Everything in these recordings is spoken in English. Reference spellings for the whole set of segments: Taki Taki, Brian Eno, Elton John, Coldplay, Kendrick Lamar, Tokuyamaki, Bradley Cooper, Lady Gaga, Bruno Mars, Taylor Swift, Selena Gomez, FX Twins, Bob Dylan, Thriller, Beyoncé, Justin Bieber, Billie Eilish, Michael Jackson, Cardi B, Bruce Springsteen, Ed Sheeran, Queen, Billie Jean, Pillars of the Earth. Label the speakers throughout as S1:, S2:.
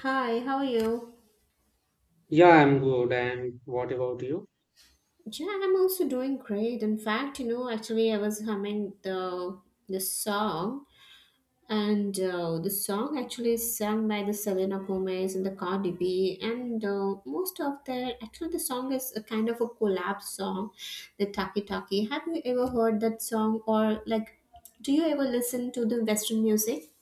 S1: Hi, how are you?
S2: Yeah, I'm good. And what about you?
S1: Yeah, I'm also doing great. In fact, you know, actually, I was humming the song, and the song actually is sung by the Selena Gomez and the Cardi B, and most of their actually the song is a kind of a collab song, the Taki Taki. Have you ever heard that song, or like, do you ever listen to the Western music?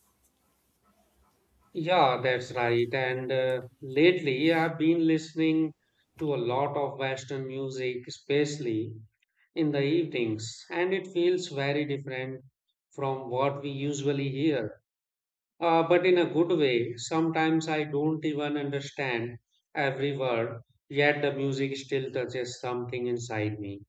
S2: Yeah, that's right. And lately, I've been listening to a lot of Western music, especially in the evenings, and it feels very different from what we usually hear. But in a good way, sometimes I don't even understand every word, yet the music still touches something inside me.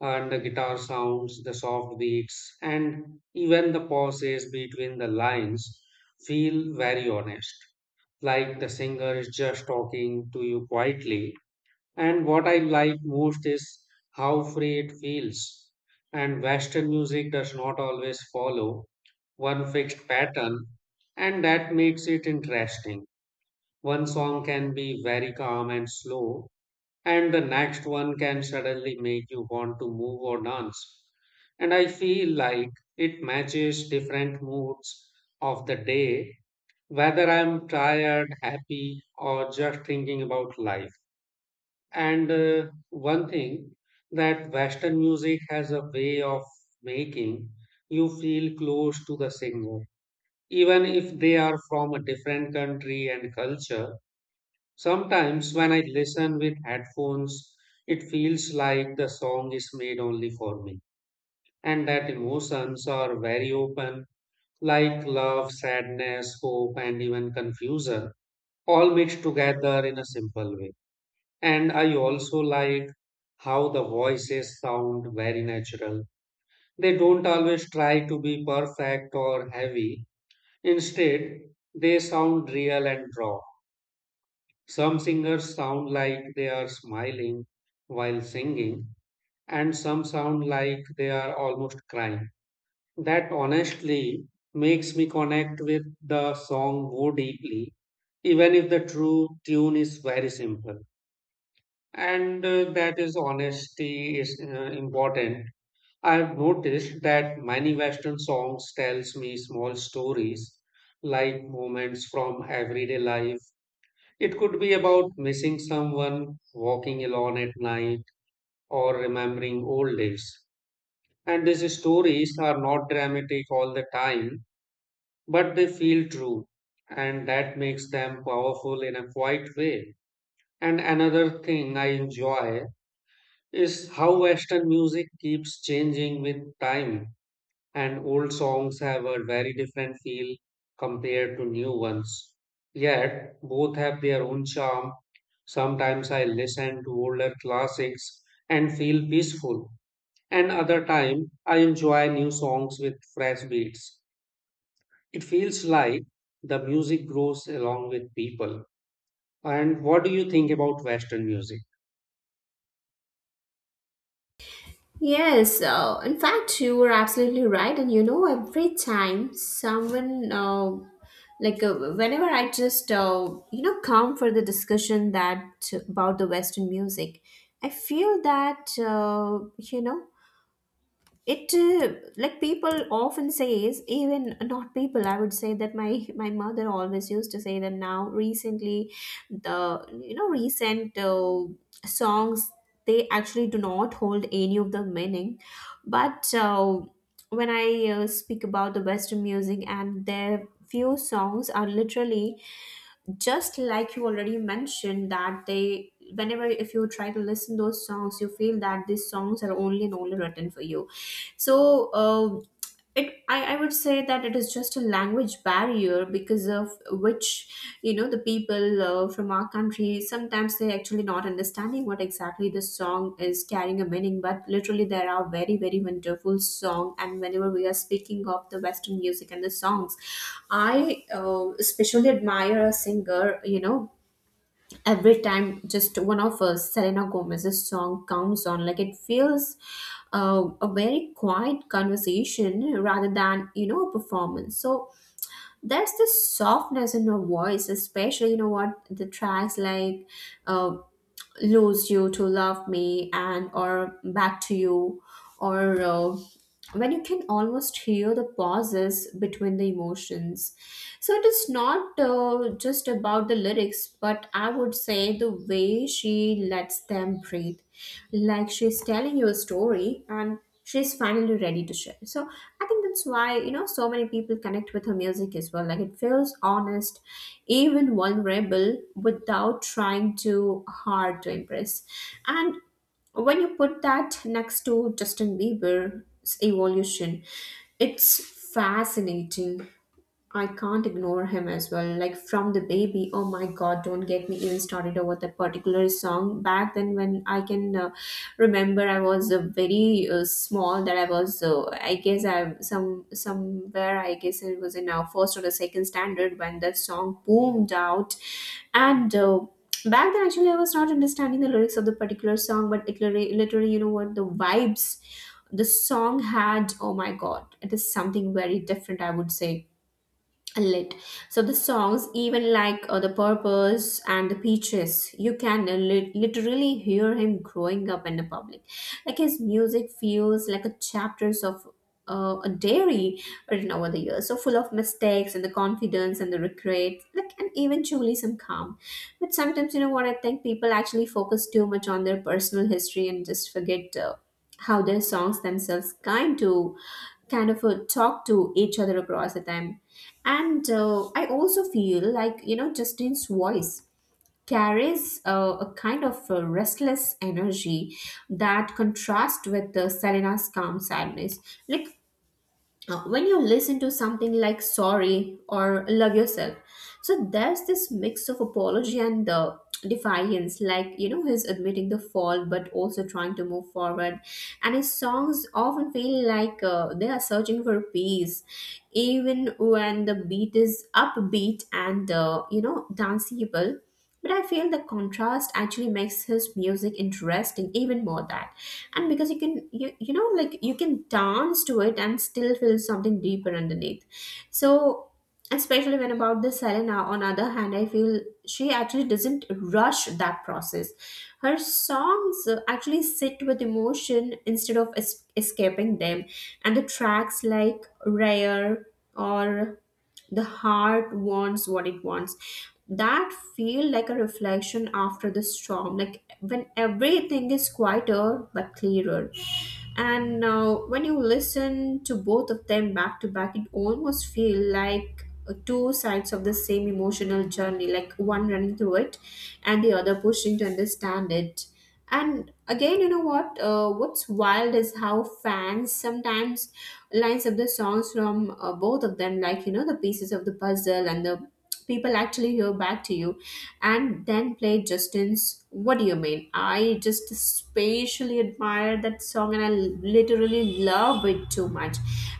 S2: And the guitar sounds, the soft beats, and even the pauses between the lines feel very honest, like the singer is just talking to you quietly. And what I like most is how free it feels. And Western music does not always follow one fixed pattern, and that makes it interesting. One song can be very calm and slow, and the next one can suddenly make you want to move or dance. And I feel like it matches different moods of the day, whether I'm tired, happy, or just thinking about life. And one thing that Western music has a way of making you feel close to the singer, even if they are from a different country and culture. Sometimes when I listen with headphones, it feels like the song is made only for me, and that emotions are very open, like love, sadness, hope, and even confusion, all mixed together in a simple way. And I also like how the voices sound very natural. They don't always try to be perfect or heavy, instead, they sound real and raw. Some singers sound like they are smiling while singing, and some sound like they are almost crying. That honestly makes me connect with the song more deeply, even if the true tune is very simple. And that is honesty is important. I've noticed that many Western songs tells me small stories, like moments from everyday life. It could be about missing someone, walking alone at night, or remembering old days. And these stories are not dramatic all the time, but they feel true, and that makes them powerful in a quiet way. And another thing I enjoy is how Western music keeps changing with time and old songs have a very different feel compared to new ones. Yet, both have their own charm. Sometimes I listen to older classics and feel peaceful, and other time I enjoy new songs with fresh beats. It feels like the music grows along with people. And what do you think about Western music?
S1: Yes, in fact, you were absolutely right. And you know, every time someone, like whenever I just, you know, come for the discussion that about the Western music, I feel that, you know, it like people often says, even not people, I would say that my mother always used to say that now recently the, you know, recent songs, they actually do not hold any of the meaning, but when I speak about the Western music and their few songs are literally just like you already mentioned that they, whenever if you try to listen those songs you feel that these songs are only and only written for you. So I would say that it is just a language barrier because of which, you know, the people from our country sometimes they actually not understanding what exactly the song is carrying a meaning, but literally there are very very wonderful song. And whenever we are speaking of the Western music and the songs, I especially admire a singer, you know, every time just one of Selena Gomez's song comes on, like it feels a very quiet conversation rather than, you know, a performance. So that's the softness in her voice, especially you know what, the tracks like uh, Lose You to Love Me and or Back to You, or when you can almost hear the pauses between the emotions. So it is not just about the lyrics, but I would say the way she lets them breathe, like she's telling you a story and she's finally ready to share. So I think that's why, you know, so many people connect with her music as well. Like it feels honest, even vulnerable without trying too hard to impress. And when you put that next to Justin Bieber's evolution, it's fascinating. I can't ignore him as well. Like from the Baby, oh my god, don't get me even started over that particular song. Back then, when I can remember, I was very small. That I was, I guess, I somewhere. I guess it was in our first or the second standard when that song boomed out, and. Back then, actually, I was not understanding the lyrics of the particular song, but literally, you know what, the vibes the song had, oh my god, it is something very different, I would say lit. So the songs, even like the Purpose and the Peaches, you can literally hear him growing up in the public. Like his music feels like a chapters of a diary written over the years, so full of mistakes and the confidence and the regret, like, and eventually some calm. But sometimes, you know what, I think people actually focus too much on their personal history and just forget. How their songs themselves kind of talk to each other across the time. And I also feel like, you know, Justin's voice carries a kind of restless energy that contrasts with Selena's calm sadness. Like, when you listen to something like Sorry or Love Yourself, so there's this mix of apology and defiance, like, you know, he's admitting the fault but also trying to move forward. And his songs often feel like they are searching for peace even when the beat is upbeat and you know, danceable. But I feel the contrast actually makes his music interesting even more that. And because you can, you know, like you can dance to it and still feel something deeper underneath. So especially when about the Selena, on other hand, I feel she actually doesn't rush that process. Her songs actually sit with emotion instead of escaping them. And the tracks like Rare or The Heart Wants What It Wants, that feel like a reflection after the storm, like when everything is quieter but clearer. And when you listen to both of them back to back, it almost feel like two sides of the same emotional journey, like one running through it and the other pushing to understand it. And again, you know what, what's wild is how fans sometimes lines of the songs from both of them, like, you know, the pieces of the puzzle, and the people actually hear Back to You and then play Justin's What Do You Mean. I just spatially admire that song and I literally love it too much.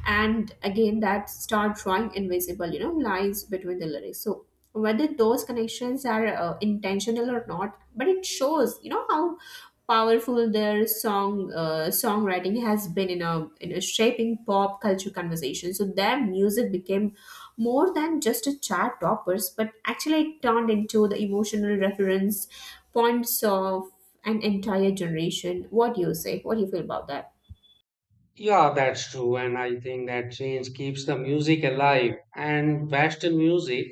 S1: And again, that start drawing invisible, you know, lines between the lyrics. So whether those connections are intentional or not, but it shows, you know, how powerful their songwriting has been in a shaping pop culture conversation. So their music became more than just a chart toppers, but actually it turned into the emotional reference points of an entire generation. What do you say? What do you feel about that?
S2: Yeah, that's true. And I think that change keeps the music alive. And Western music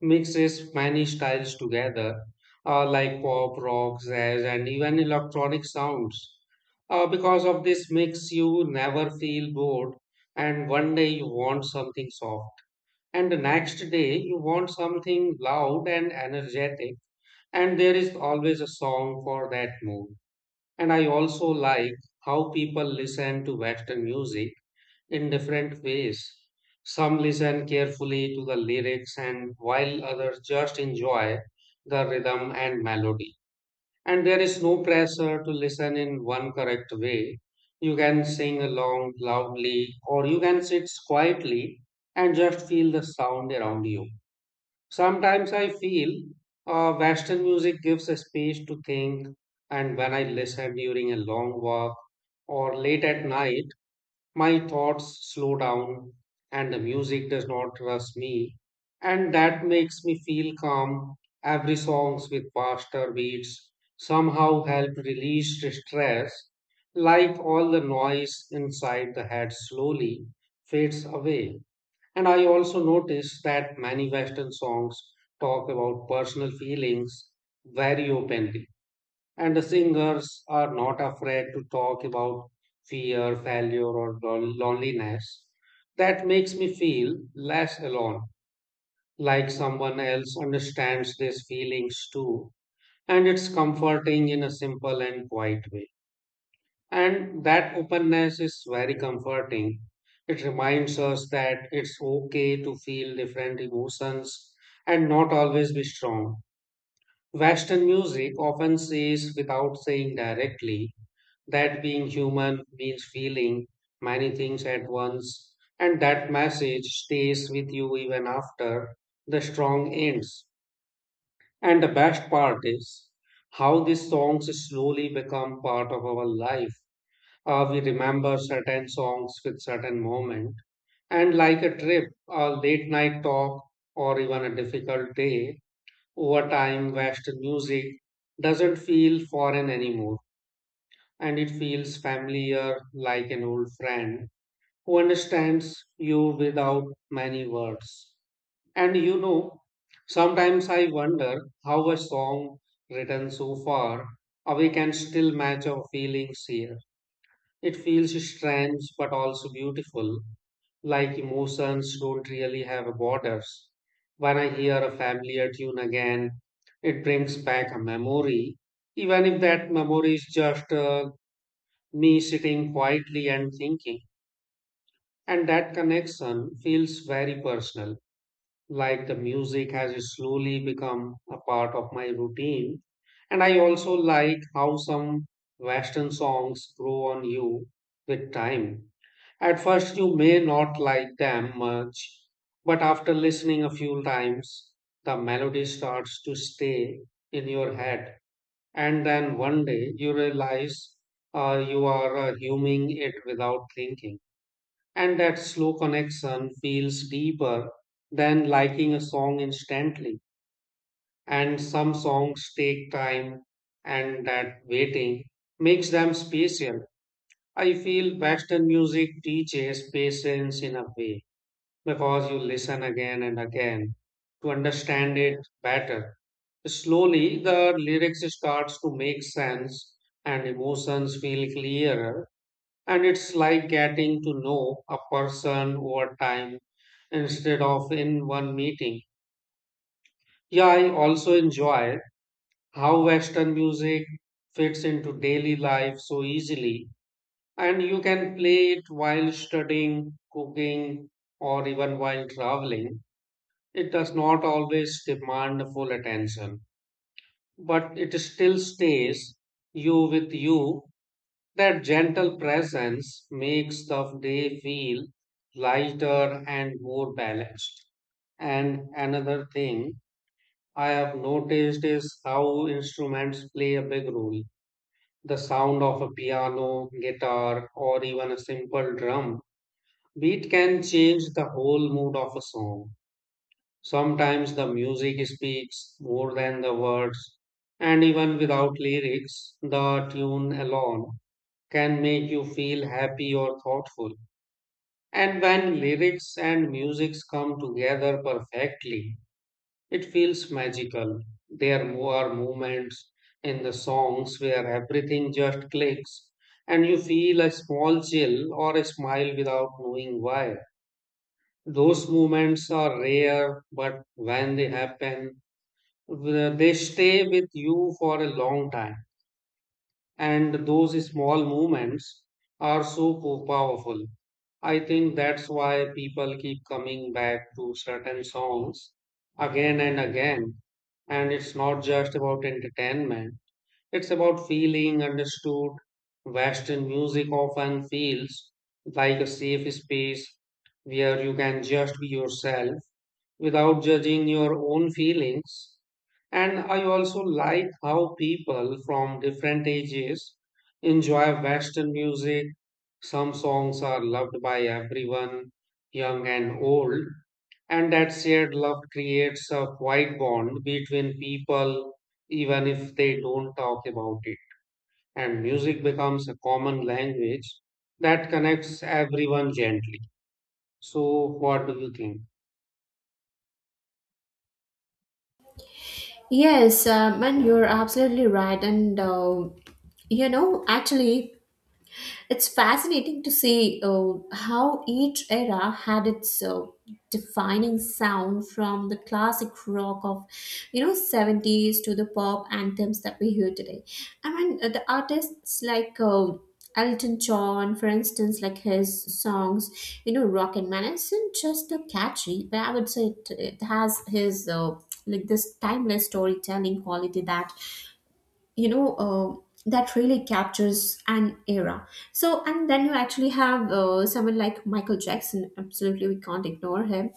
S2: mixes many styles together, like pop, rock, jazz, and even electronic sounds. Because of this mix, you never feel bored. And one day you want something soft, and the next day you want something loud and energetic. And there is always a song for that mood. And I also like how people listen to Western music in different ways. Some listen carefully to the lyrics, and while others just enjoy the rhythm and melody. And there is no pressure to listen in one correct way. You can sing along loudly, or you can sit quietly and just feel the sound around you. Sometimes I feel Western music gives a space to think, and when I listen during a long walk or late at night, my thoughts slow down and the music does not rush me. And that makes me feel calm. Every songs with faster beats somehow help release the stress. Like all the noise inside the head slowly fades away. And I also notice that many Western songs talk about personal feelings very openly and the singers are not afraid to talk about fear, failure, or loneliness. That makes me feel less alone, like someone else understands these feelings too. And it's comforting in a simple and quiet way. And that openness is very comforting. It reminds us that it's okay to feel different emotions and not always be strong. Western music often says without saying directly that being human means feeling many things at once, and that message stays with you even after the song ends. And the best part is how these songs slowly become part of our life. We remember certain songs with certain moment, and like a trip, a late night talk, or even a difficult day, over time, Western music doesn't feel foreign anymore and it feels familiar like an old friend who understands you without many words. And you know, sometimes I wonder how a song written so far away can still match our feelings here. It feels strange but also beautiful, like emotions don't really have borders. When I hear a familiar tune again, it brings back a memory, even if that memory is just me sitting quietly and thinking. And that connection feels very personal, like the music has slowly become a part of my routine. And I also like how some Western songs grow on you with time. At first, you may not like them much, but after listening a few times, the melody starts to stay in your head and then one day you realize you are humming it without thinking. And that slow connection feels deeper than liking a song instantly. And some songs take time, and that waiting makes them special. I feel Western music teaches patience in a way because you listen again and again to understand it better. Slowly, the lyrics starts to make sense and emotions feel clearer, and it's like getting to know a person over time instead of in one meeting. Yeah, I also enjoy how Western music fits into daily life so easily, and you can play it while studying, cooking, or even while traveling. It does not always demand full attention, but it still stays you with you. That gentle presence makes the day feel lighter and more balanced. And another thing I have noticed is how instruments play a big role. The sound of a piano, guitar, or even a simple drum beat can change the whole mood of a song. Sometimes the music speaks more than the words, and even without lyrics, the tune alone can make you feel happy or thoughtful. And when lyrics and music come together perfectly, it feels magical. There are moments in the songs where everything just clicks, and you feel a small chill or a smile without knowing why. Those moments are rare, but when they happen, they stay with you for a long time and those small movements are so powerful. I think that's why people keep coming back to certain songs again and again, and it's not just about entertainment, it's about feeling understood. Western music often feels like a safe space where you can just be yourself without judging your own feelings. And I also like how people from different ages enjoy Western music. Some songs are loved by everyone, young and old, and that shared love creates a quiet bond between people, even if they don't talk about it. And music becomes a common language that connects everyone gently. So, what do you think?
S1: Yes, and you're absolutely right. And you know, actually, it's fascinating to see how each era had its defining sound, from the classic rock of, you know, 70s to the pop anthems that we hear today. I mean, the artists like Elton John, for instance, like his songs, you know, Rock and Man isn't just catchy, but I would say it has his like this timeless storytelling quality that, you know, that really captures an era. So, and then you actually have someone like Michael Jackson, absolutely we can't ignore him,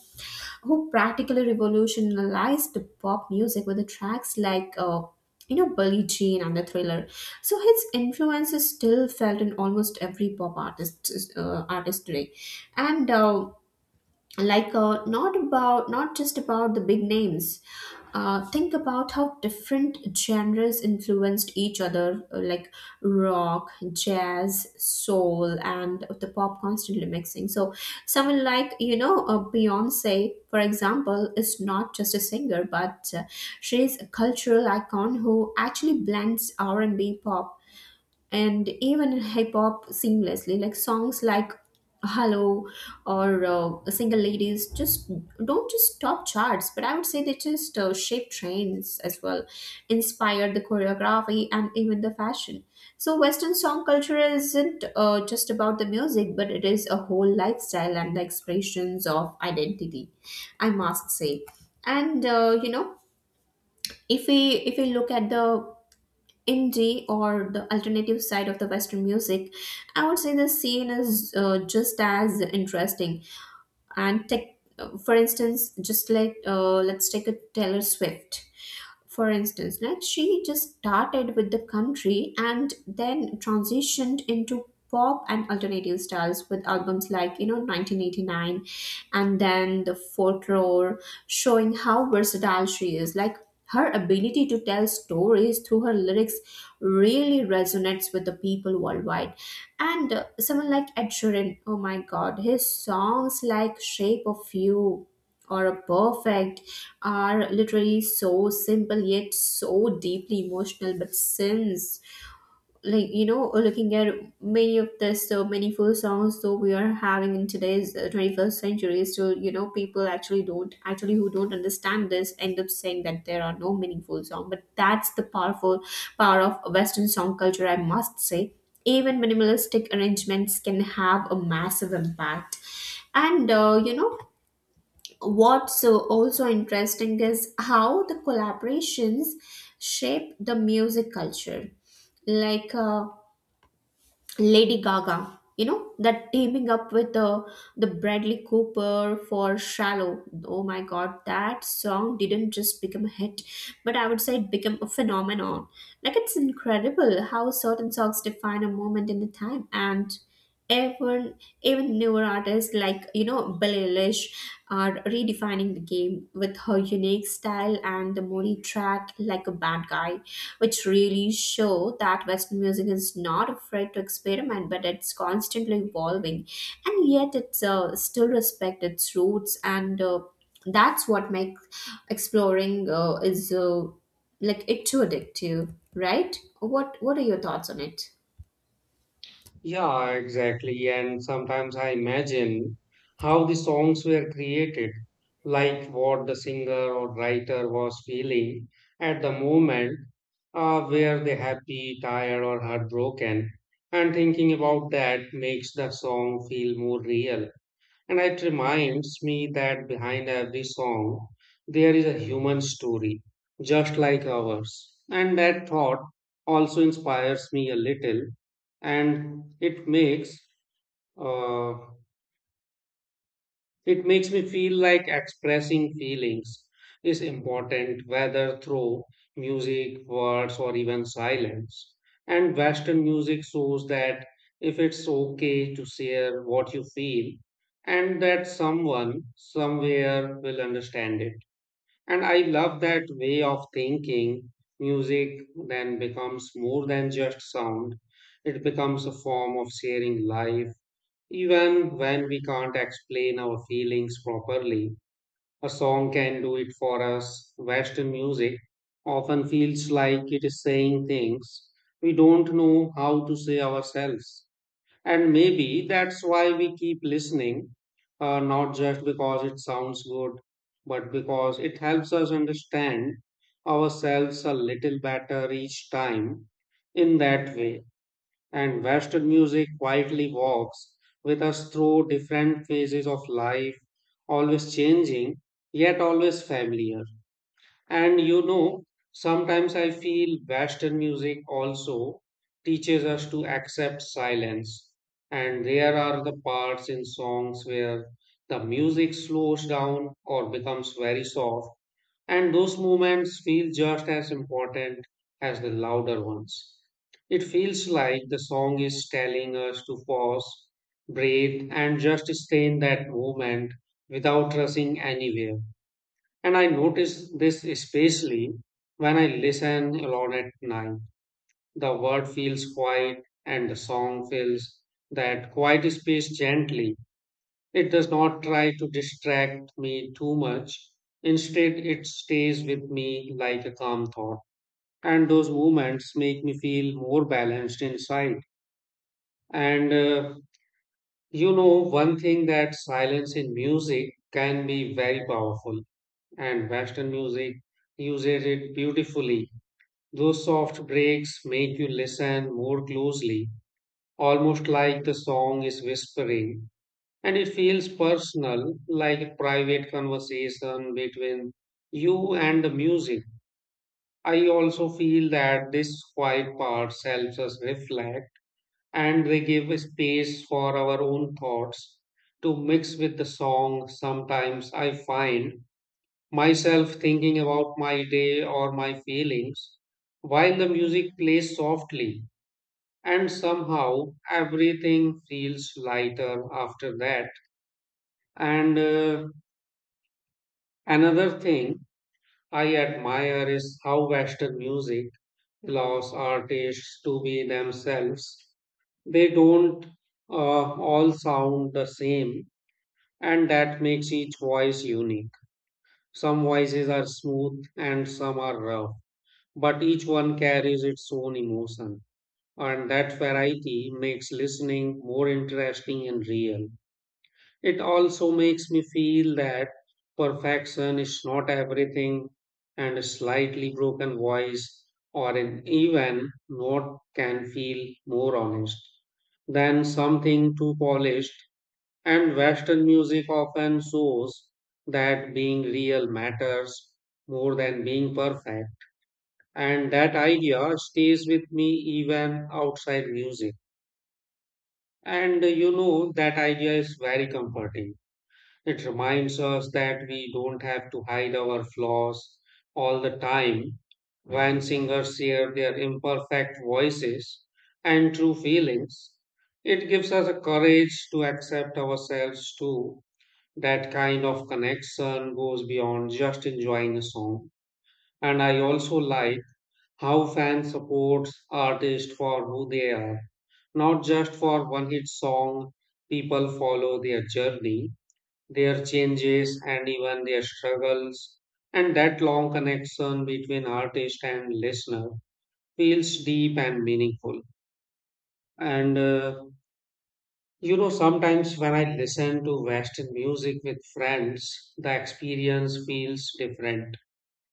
S1: who practically revolutionized pop music with the tracks like you know, Billie Jean and the Thriller. So his influence is still felt in almost every pop artist today. And like not just about the big names, think about how different genres influenced each other, like rock, jazz, soul, and the pop constantly mixing. So someone like, you know, Beyonce, for example, is not just a singer but she is a cultural icon who actually blends R&B, pop, and even in hip hop seamlessly. Like songs like Hello or Single Ladies just don't just top charts, but I would say they just shape trends as well, inspire the choreography and even the fashion. So Western song culture isn't just about the music, but it is a whole lifestyle and the expressions of identity, I must say. And you know, if we look at the indie or the alternative side of the Western music, I would say the scene is just as interesting. And take for instance, just like, let's take a Taylor Swift for instance. Like she just started with the country and then transitioned into pop and alternative styles with albums like, you know, 1989 and then the Folklore, showing how versatile she is. Like her ability to tell stories through her lyrics really resonates with the people worldwide. And someone like Ed Sheeran, oh my God, his songs like Shape of You or A Perfect are literally so simple yet so deeply emotional. But since, like, you know, looking at many of the so meaningful songs though we are having in today's 21st century, still, you know, people actually don't actually who don't understand this end up saying that there are no meaningful song. But that's the power of Western song culture, I must say. Even minimalistic arrangements can have a massive impact. And you know, what's also interesting is how the collaborations shape the music culture. Like Lady Gaga, you know, that teaming up with the Bradley Cooper for Shallow. Oh my god, that song didn't just become a hit, but I would say it became a phenomenon. Like, it's incredible how certain songs define a moment in the time. And even even newer artists like, you know, Billie Eilish are redefining the game with her unique style and the Moni track "Like a Bad Guy," which really show that Western music is not afraid to experiment, but it's constantly evolving, and yet it's still respect its roots. And that's what makes exploring is like it too addictive, right? What are your thoughts on it?
S2: Yeah, exactly. And sometimes I imagine how the songs were created, like what the singer or writer was feeling at the moment. Were they happy, tired, or heartbroken? And thinking about that makes the song feel more real. And it reminds me that behind every song, there is a human story, just like ours. And that thought also inspires me a little, and uh, it makes me feel like expressing feelings is important, whether through music, words, or even silence. And Western music shows that if it's okay to share what you feel, and that someone somewhere will understand it. And I love that way of thinking. Music then becomes more than just sound, it becomes a form of sharing life even when we can't explain our feelings properly, a song can do it for us. Western music often feels like it is saying things we don't know how to say ourselves. And maybe that's why we keep listening, not just because it sounds good, but because it helps us understand ourselves a little better each time in that way and Western music quietly walks with us through different phases of life, always changing, yet always familiar. And you know, sometimes I feel Western music also teaches us to accept silence. And there are the parts in songs where the music slows down or becomes very soft and those moments feel just as important as the louder ones. It feels like the song is telling us to pause, breathe, and just stay in that moment without rushing anywhere. And I notice this especially when I listen alone at night. The word feels quiet, and the song fills that quiet space gently. It does not try to distract me too much. Instead, it stays with me like a calm thought. And those moments make me feel more balanced inside. And you know, one thing that silence in music can be very powerful, and Western music uses it beautifully. Those soft breaks make you listen more closely, almost like the song is whispering and it feels personal, like a private conversation between you and the music. I also feel that this quiet parts helps us reflect and they give space for our own thoughts to mix with the song. Sometimes I find myself thinking about my day or my feelings while the music plays softly, and somehow everything feels lighter after that. And another thing I admire is how Western music allows artists to be themselves. They don't uh, all sound the same, and that makes each voice unique. Some voices are smooth and some are rough, but each one carries its own emotion, and that variety makes listening more interesting and real. It also makes me feel that perfection is not everything, and a slightly broken voice or an even note can feel more honest than something too polished. And Western music often shows that being real matters more than being perfect. And that idea stays with me even outside music. And you know, that idea is very comforting. It reminds us that we don't have to hide our flaws all the time. When singers share their imperfect voices and true feelings, it gives us a courage to accept ourselves too. That kind of connection goes beyond just enjoying a song. And I also like how fans support artists for who they are, not just for one hit song. People follow their journey, their changes and even their struggles. And that long connection between artist and listener feels deep and meaningful. And you know, sometimes when I listen to Western music with friends, the experience feels different.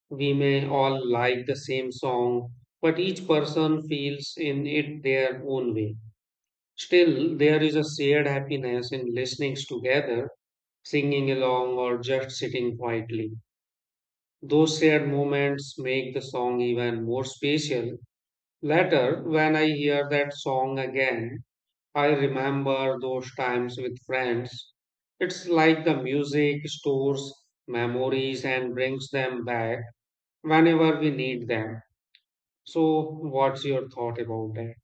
S2: We may all like the same song, but each person feels in it their own way. Still, there is a shared happiness in listening together, singing along, or just sitting quietly. Those shared moments make the song even more special. Later, when I hear that song again, I remember those times with friends. It's like the music stores memories and brings them back whenever we need them. So, what's your thought about that?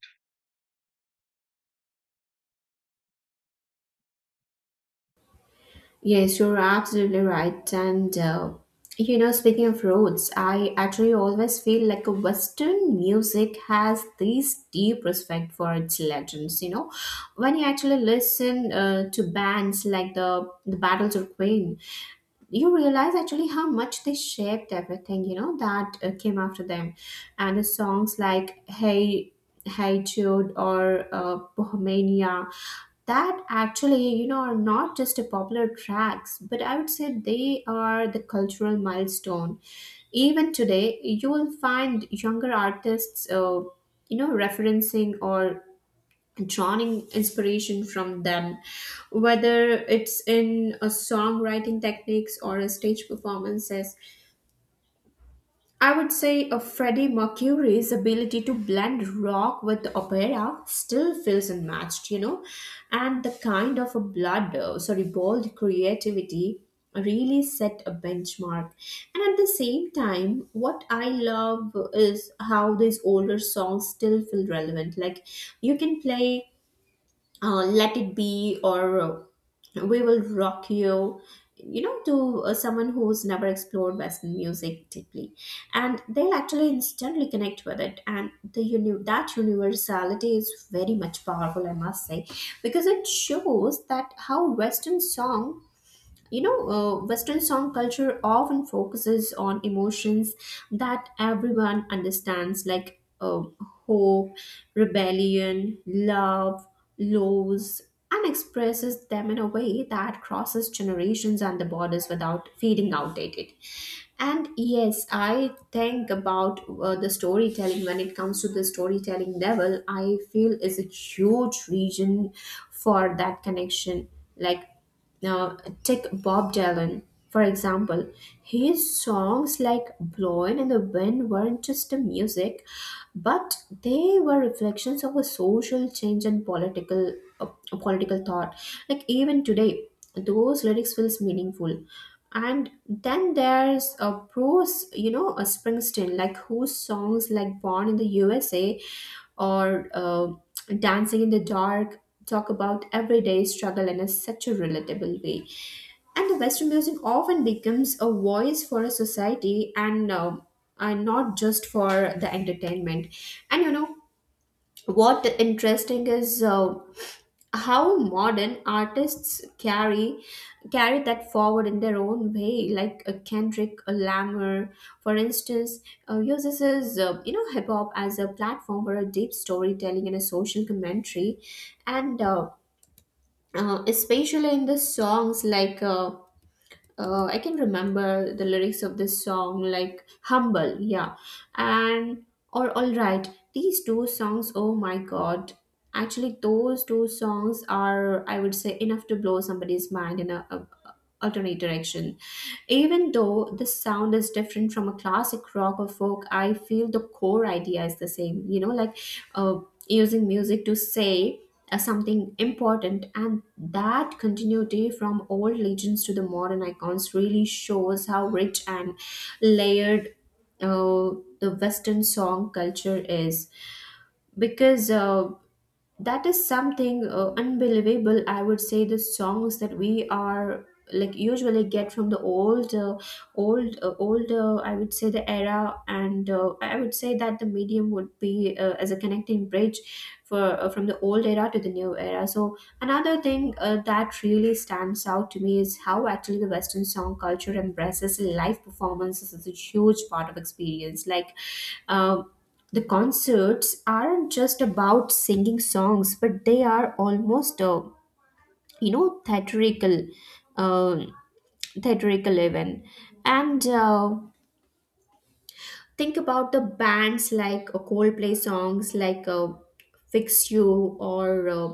S1: Yes, you're absolutely right. And you know, speaking of roads, I actually always feel like a Western music has this deep respect for its legends. You know, when you actually listen to bands like the Battles of Queen, you realize actually how much they shaped everything, you know, that came after them. And the songs like hey jude or bohemania that actually, you know, are not just a popular tracks, but I would say they are the cultural milestone. Even today you will find younger artists, you know, referencing or drawing inspiration from them, whether it's in a songwriting techniques or a stage performances. I would say a Freddie Mercury's ability to blend rock with opera still feels unmatched, you know. And the kind of a blood sorry bold creativity really set a benchmark. And at the same time, what I love is how these older songs still feel relevant. Like you can play let it be or we will rock you, you know, to someone who's never explored western music deeply, and they'll actually instantly connect with it. And that universality is very much powerful, I must say, because it shows that how western song, you know, Western song culture often focuses on emotions that everyone understands, like hope, rebellion, love, loss, and expresses them in a way that crosses generations and the borders without feeling outdated. And yes, I think about the storytelling when it comes to the storytelling level, I feel is a huge region for that connection. Like now, take Bob Dylan, for example. His songs like Blowin' in the Wind weren't just a music, but they were reflections of a social change and political thought. Like even today, those lyrics feels meaningful. And then there's a prose, you know, a Springsteen, like whose songs like Born in the USA or Dancing in the Dark talk about everyday struggle in a, such a relatable way. And the Western music often becomes a voice for a society, and not just for the entertainment. And what interesting is, how modern artists carry that forward in their own way. Like Kendrick Lamar, for instance, uses his, you know, hip hop as a platform for a deep storytelling and a social commentary, and. Especially in the songs like I can remember the lyrics of this song like humble, yeah, and or all right. These two songs, oh my god, actually those two songs are, I would say, enough to blow somebody's mind in a alternate direction. Even though the sound is different from a classic rock or folk, I feel the core idea is the same, you know, like uh, using music to say as something important. And that continuity from old legends to the modern icons really shows how rich and layered uh, the western song culture is, because that is something unbelievable, I would say. The songs that we are like usually get from the old old old I would say the era, and I would say that the medium would be, as a connecting bridge for from the old era to the new era. So another thing, that really stands out to me is how actually the Western song culture embraces live performances as a huge part of experience. Like, um the concerts aren't just about singing songs, but they are almost, you know, theatrical, um theatrical even. And think about the bands like Coldplay songs like "Fix You" or uh,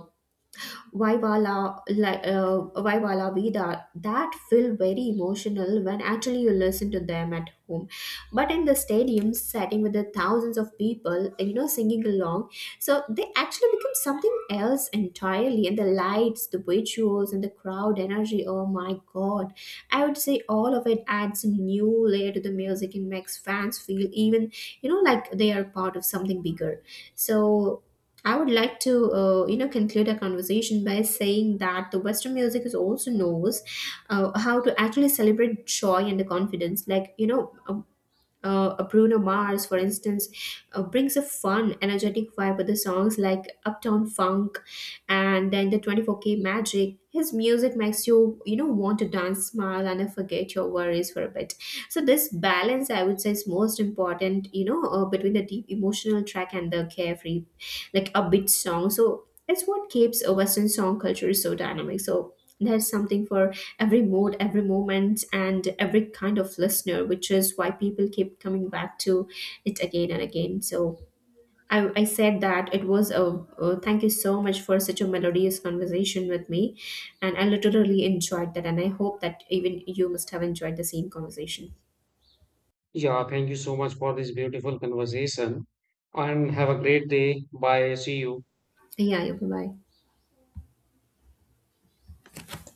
S1: Vaivala, like, Vaivala Vida, that feel very emotional when actually you listen to them at home. But in the stadium setting with the thousands of people, you know, singing along, so they actually become something else entirely. And the lights, the visuals, and the crowd energy, oh my god. I would say all of it adds a new layer to the music and makes fans feel even, you know, like they are part of something bigger. So I would like to, you know, conclude our conversation by saying that the Western music is also knows how to actually celebrate joy and the confidence. Like, you know, a Bruno Mars, for instance, brings a fun, energetic vibe with the songs like Uptown Funk and then the 24K Magic. His music makes you, you know, want to dance, smile, and forget your worries for a bit. So this balance, I would say, is most important, you know, between the deep emotional track and the carefree, like upbeat song. So it's what keeps a western song culture so dynamic, so there's something for every mood, every moment, and every kind of listener, which is why people keep coming back to it again and again. So I said that it was a thank you so much for such a melodious conversation with me, and I literally enjoyed that, and I hope that even you must have enjoyed the same conversation.
S2: Yeah, thank you so much for this beautiful conversation and have a great day. Bye. See you.
S1: Yeah, yeah, bye bye.